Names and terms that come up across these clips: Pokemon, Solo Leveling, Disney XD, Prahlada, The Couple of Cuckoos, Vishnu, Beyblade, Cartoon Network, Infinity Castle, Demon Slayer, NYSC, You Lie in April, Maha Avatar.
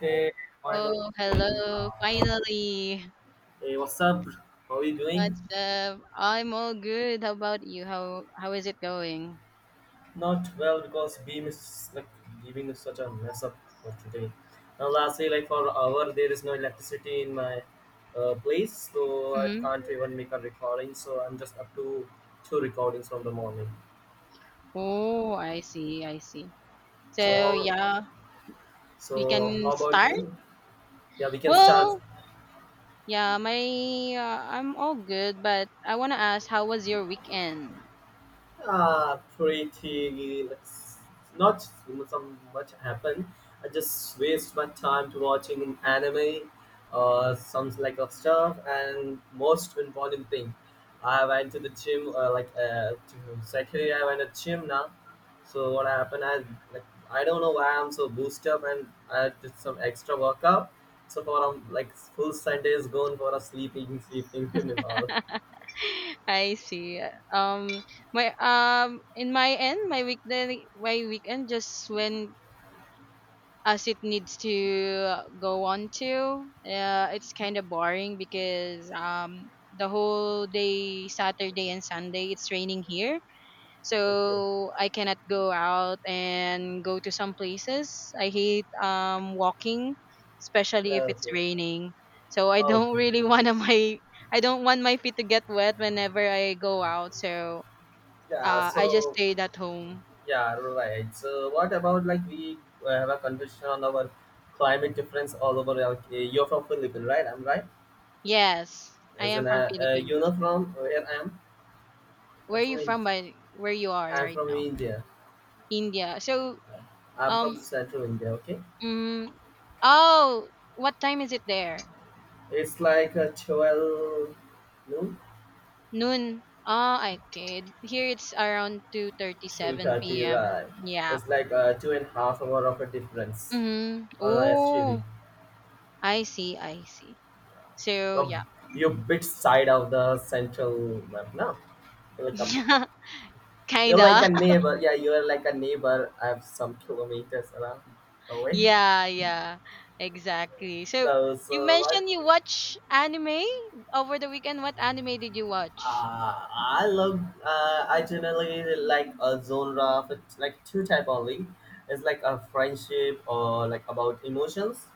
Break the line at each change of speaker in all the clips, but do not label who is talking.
Hey, final
Oh,
evening.
hello. Finally.
Hey, what's up? How are you doing?
What's up? I'm all good. How about you? How is it going?
Not well because Beam is like giving us such a mess up for today. Now, lastly, like for an hour, there is no electricity in my place, so I
Mm-hmm.
can't even make a recording. So I'm just up to two recordings from the morning.
Oh, I see. I see.
So,
So,
how-
yeah, we
so
can
how about
start.
you? Yeah, we can start.
Well, yeah, my I'm all good, but I want to ask, how was your weekend?
Pretty like, not some much happened. I just waste my time to watching anime or some like of stuff. And most important thing, I went to the gym. To secondly, I went to gym now. So what happened? Like I don't know why I'm so boosted up, and I did some extra workout. So for like full Sunday is gone for a sleeping, sleeping and all.
I see. Um, my In my end, my weekend just went as it needs to go on to. It's kind of boring because the whole day, Saturday and Sunday, it's raining here.
Okay.
So I cannot go out and go to some places. I hate walking, especially if
Yeah,
it's
okay.
raining. So I don't
Okay.
really want my I don't want my feet to get wet whenever I go out. So
Yeah,
I just
so
stayed at home.
yeah, right. So what about like we have a conversation on our climate difference all over. Like, you're from Philippines, right? I'm right.
Yes, I
As
am
in,
from Philippines.
you know from where I am. I'm
Where are you
from Ind-
from, but where you are
I'm
right
from
now?
India.
India. So,
Uh, I'm
um
from Central India. Okay,
mm, oh, what time is it there?
it's like 12 noon
Noon. Ah, I kid here, it's around
to
2:37
30,
p.m
right?
yeah.
It's like 2.5 hour of a difference.
Mm-hmm. Oh,
Actually,
I see. I see. So, yeah,
from your bit side of the central map now, like a you're like
kinda.
a neighbor. Yeah, you're like a neighbor. I have some kilometers around away.
Yeah, yeah, exactly. So,
So,
you
so what?
mentioned you watch anime over the weekend. What anime did you watch?
I love. I generally like a genre of like two type only. It's like a friendship or like about emotions,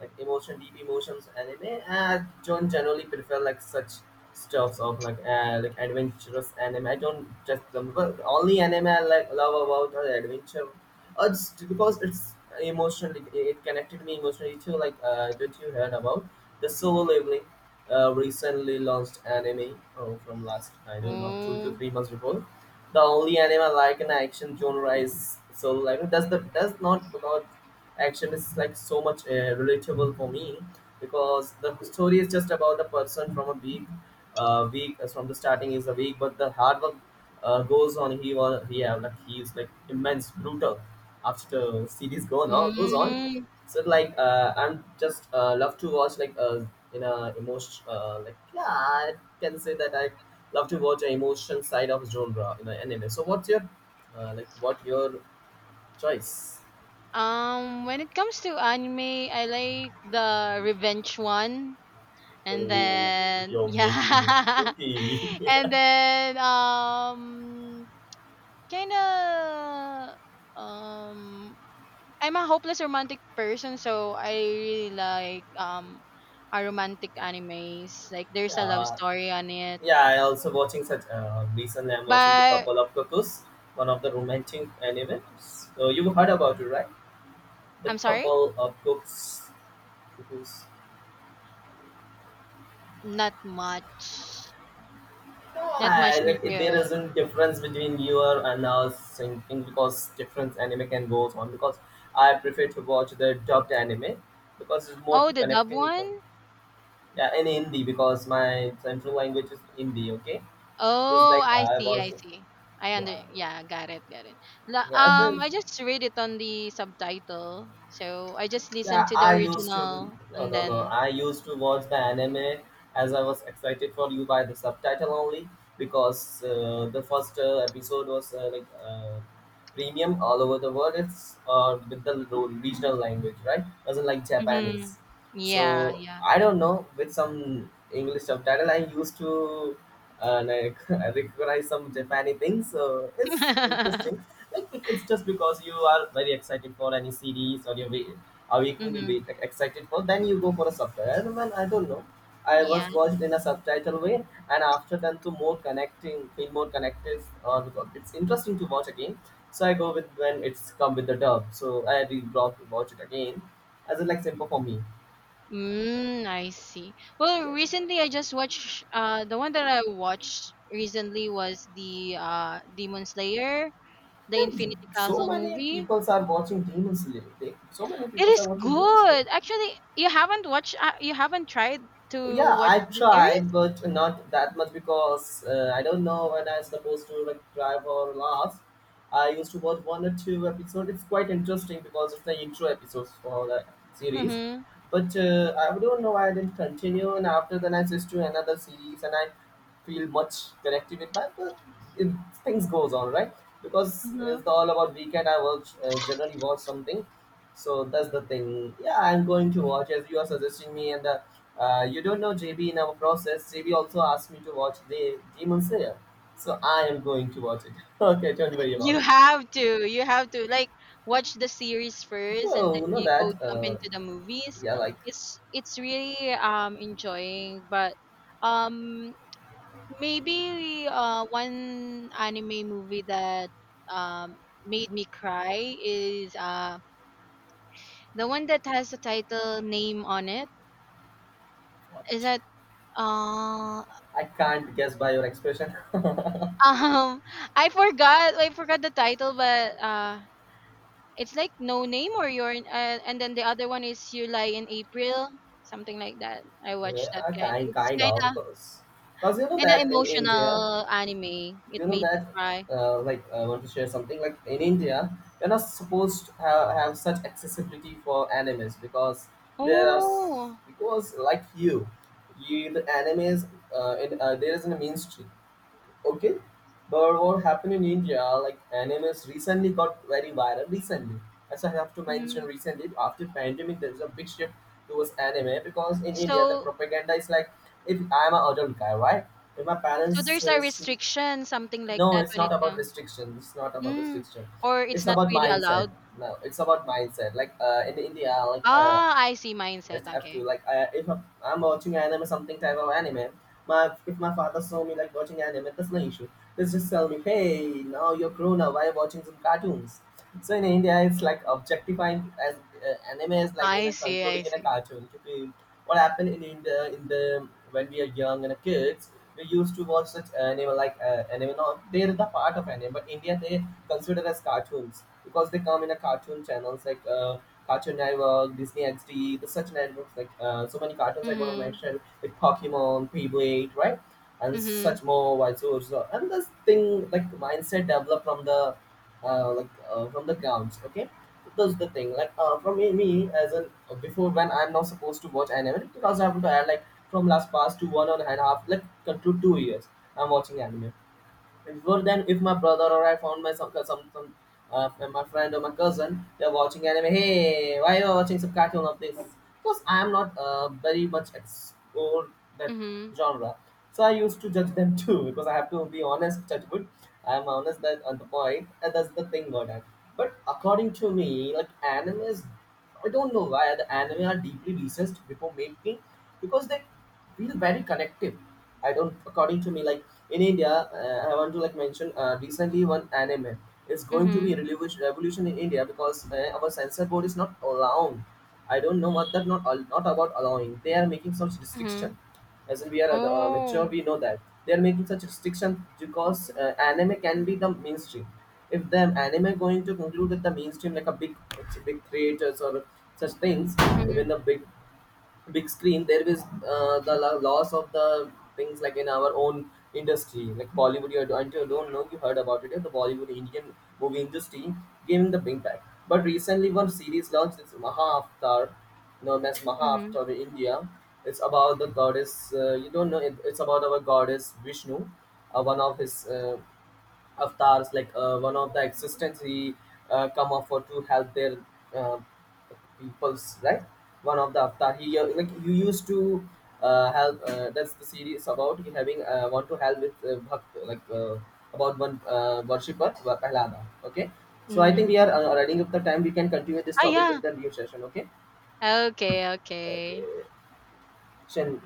like emotion, deep emotions anime. I don't generally prefer like such stuffs of like adventurous anime. I don't just the only anime I like love about are adventure, or just because it's emotionally it connected me emotionally too. Like that you heard about the solo leveling. Recently launched anime oh, from last I don't know 2 to 3 months before the only anime I like in action genre is Solo Leveling. That's not because action is like so much relatable for me because the story is just about the person from a week from the starting is a week, but the hard work goes on. He was he have like he is like immense brutal after series go on goes on.
Mm-hmm.
So like I'm just love to watch like in a emotion like yeah, I can say that I love to watch an emotion side of genre in an anime. So what's your like what your choice?
When it comes to anime, I like the revenge one, and
Oh,
then
you're making
yeah,
spooky.
and then kind of um, I'm a hopeless romantic person, so I really like a romantic animes. Like there's a love
Yeah,
story on it,
yeah. I also watching such. Recently, I'm watching the
but
couple of cuckoos, one of the romantic anime. So you heard about it, right? The
I'm sorry,
couple of cooks, cuckoos.
not much, not much
Yeah, like, there
into.
isn't difference between your and our thinking because different anime can go on. Because I prefer to watch the dubbed anime because it's more
Oh,
to
the dub
connecting from,
one.
yeah, in Hindi because my central language is Hindi. Okay. It was
Oh,
like
I
I
see, I
was,
see. I under
yeah,
Yeah, got it, got it.
yeah. This
I just read it on the subtitle, so I just listened
yeah,
to the
I used to
original
no,
and
no, no.
then.
I used to watch the anime as I was excited for you by the subtitle only because the first episode was premium all over the world. It's with the regional language, right? Doesn't like
Mm-hmm.
Japanese.
Yeah,
So
yeah.
I don't know with some English subtitle. I used to like I recognize some Japanese things. So it's interesting. Like it's just because you are very excited for any series or your a week will
Mm-hmm.
be like, excited for then you go for a subtitle and man, I don't know, I
Yeah.
was watched in a subtitle way, and after then to more connecting feel more connected or because it's interesting to watch again, so I go with when it's come with the dub. So I really brought to watch it again as a like simple for me.
I see. Well,
Yeah,
recently I just watched. The one that I watched recently was the Demon Slayer, the
and
Infinity
so
Castle
many
movie.
people are watching demon slayer. So many
It
people
is
are watching demon slayer.
good. Actually, you haven't watched. You haven't tried to
Yeah,
watch
I
the series.
tried but not that much because I don't know when I'm supposed to like try or last. I used to watch one or two episodes. It's quite interesting because it's the intro episodes for the series,
Mm-hmm.
but I don't know why I didn't continue, and after then I switched to another series and I feel much connected with that, but it, things goes on, right? Because
Mm-hmm.
it's all about weekend I watch generally watch something. So that's the thing. Yeah, I'm going to watch as you are suggesting me, and the you don't know JB in our process. JB also asked me to watch the Demon Slayer, so I am going to watch it. Okay, don't worry about
You
it.
have to. You have to like watch the series first, and then
Oh, know
you go
that.
jump into the movies.
Yeah, like
It's really enjoying, but um maybe one anime movie that um made me cry is the one that has the title name on it.
what?
Is that uh
I can't guess by your expression. Yeah,
Um, I forgot. I forgot the title, but it's like No Name or Your, and then the other one is You Lie in April, something like that. I watched that kind.
kind,
It's
kind
kind
of
of
because you know
kind of
that in India,
emotional anime. It
you know
made me
that
cry.
like I want to share something. Like in India you're not supposed to have such accessibility for animes because there are
Oh,
because like you the animes there is in the mainstream. Okay, but what happened in India, like animes recently got very viral recently, as I have to mention
mm.
recently after pandemic, there is a big shift towards anime because in India the
so
propaganda is like, if I'm an adult guy, right, if my
so
parents
there's a
see,
restriction, something like
no,
that
it's
when it
not about
comes,
restriction. It's not about
mm.
restriction.
or it's
It's
not
about
really
mindset.
allowed.
No, it's about mindset. Like in India, like
Ah, I see mindset.
let's have to
Okay,
like I, if I'm, watching anime, something type of anime. My if my father saw me like watching anime, that's no issue. Let's just tell me, hey, now you're grown up. Why are you watching some cartoons? So in India, it's like objectifying as anime is like in
I
a
see. I
concluding in a
see.
cartoon. Okay, what happened in India in the when we are young and kids, we used to watch such anime like anime. No, they're the part of anime, but India they consider as cartoons because they come in a cartoon channels like Cartoon Network, Disney XD, the such networks like so many cartoons I'm gonna
Mhm.
mention like Pokemon, Beyblade, right, and
Mhm.
such more wide source. And this thing like mindset developed from the from the grounds. Okay, that's the thing. Like from me, me as an before when I'm not supposed to watch anime because I have to add like from last past to one and a half like conclude 2 years I'm watching anime. It would then if my brother or I found my some my friend or my cousin, they're watching anime. Hey, why you are watching some cartoon of this? Because I am not very much explored that
Mhm.
genre, so I used to judge them too. Because I have to be honest, judge good. I am honest that on the point, and that's the thing about that. But according to me, like anime is, I don't know why the anime are deeply researched before making, because they feel very connective. I don't, according to me, like in India, I want to like mention recently one anime is going to be
Mhm.
revolution, revolution in India because our censor board is not allowing. I don't know what that not about allowing. They are making such
Mhm.
restriction, as in we are mature,
Oh,
we know that they are making such restriction because anime can be the mainstream. If the anime going to conclude with the mainstream like a big, big creators or such things, even
mhm,
the big big screen. There is loss of the things like in our own industry like Bollywood. You until don't know if you heard about it, yeah, the Bollywood Indian movie industry giving the big back. But recently one series launched, it's Maha Avatar, known as Maha
mhm,
Avatar in India. It's about the goddess. You don't know it, it's about our goddess Vishnu. One of his avatars like one of the existence, he come up for to help their uh, peoples, right? One of the avatar he like you used to help that's the series about, he having want to help with bhakt, like about one worshipper Prahlada. Okay, so I think we
mm.
are running up the time. We can continue this
Ah,
topic
yeah.
with the new session. Okay,
Okay, okay.
okay, Shen.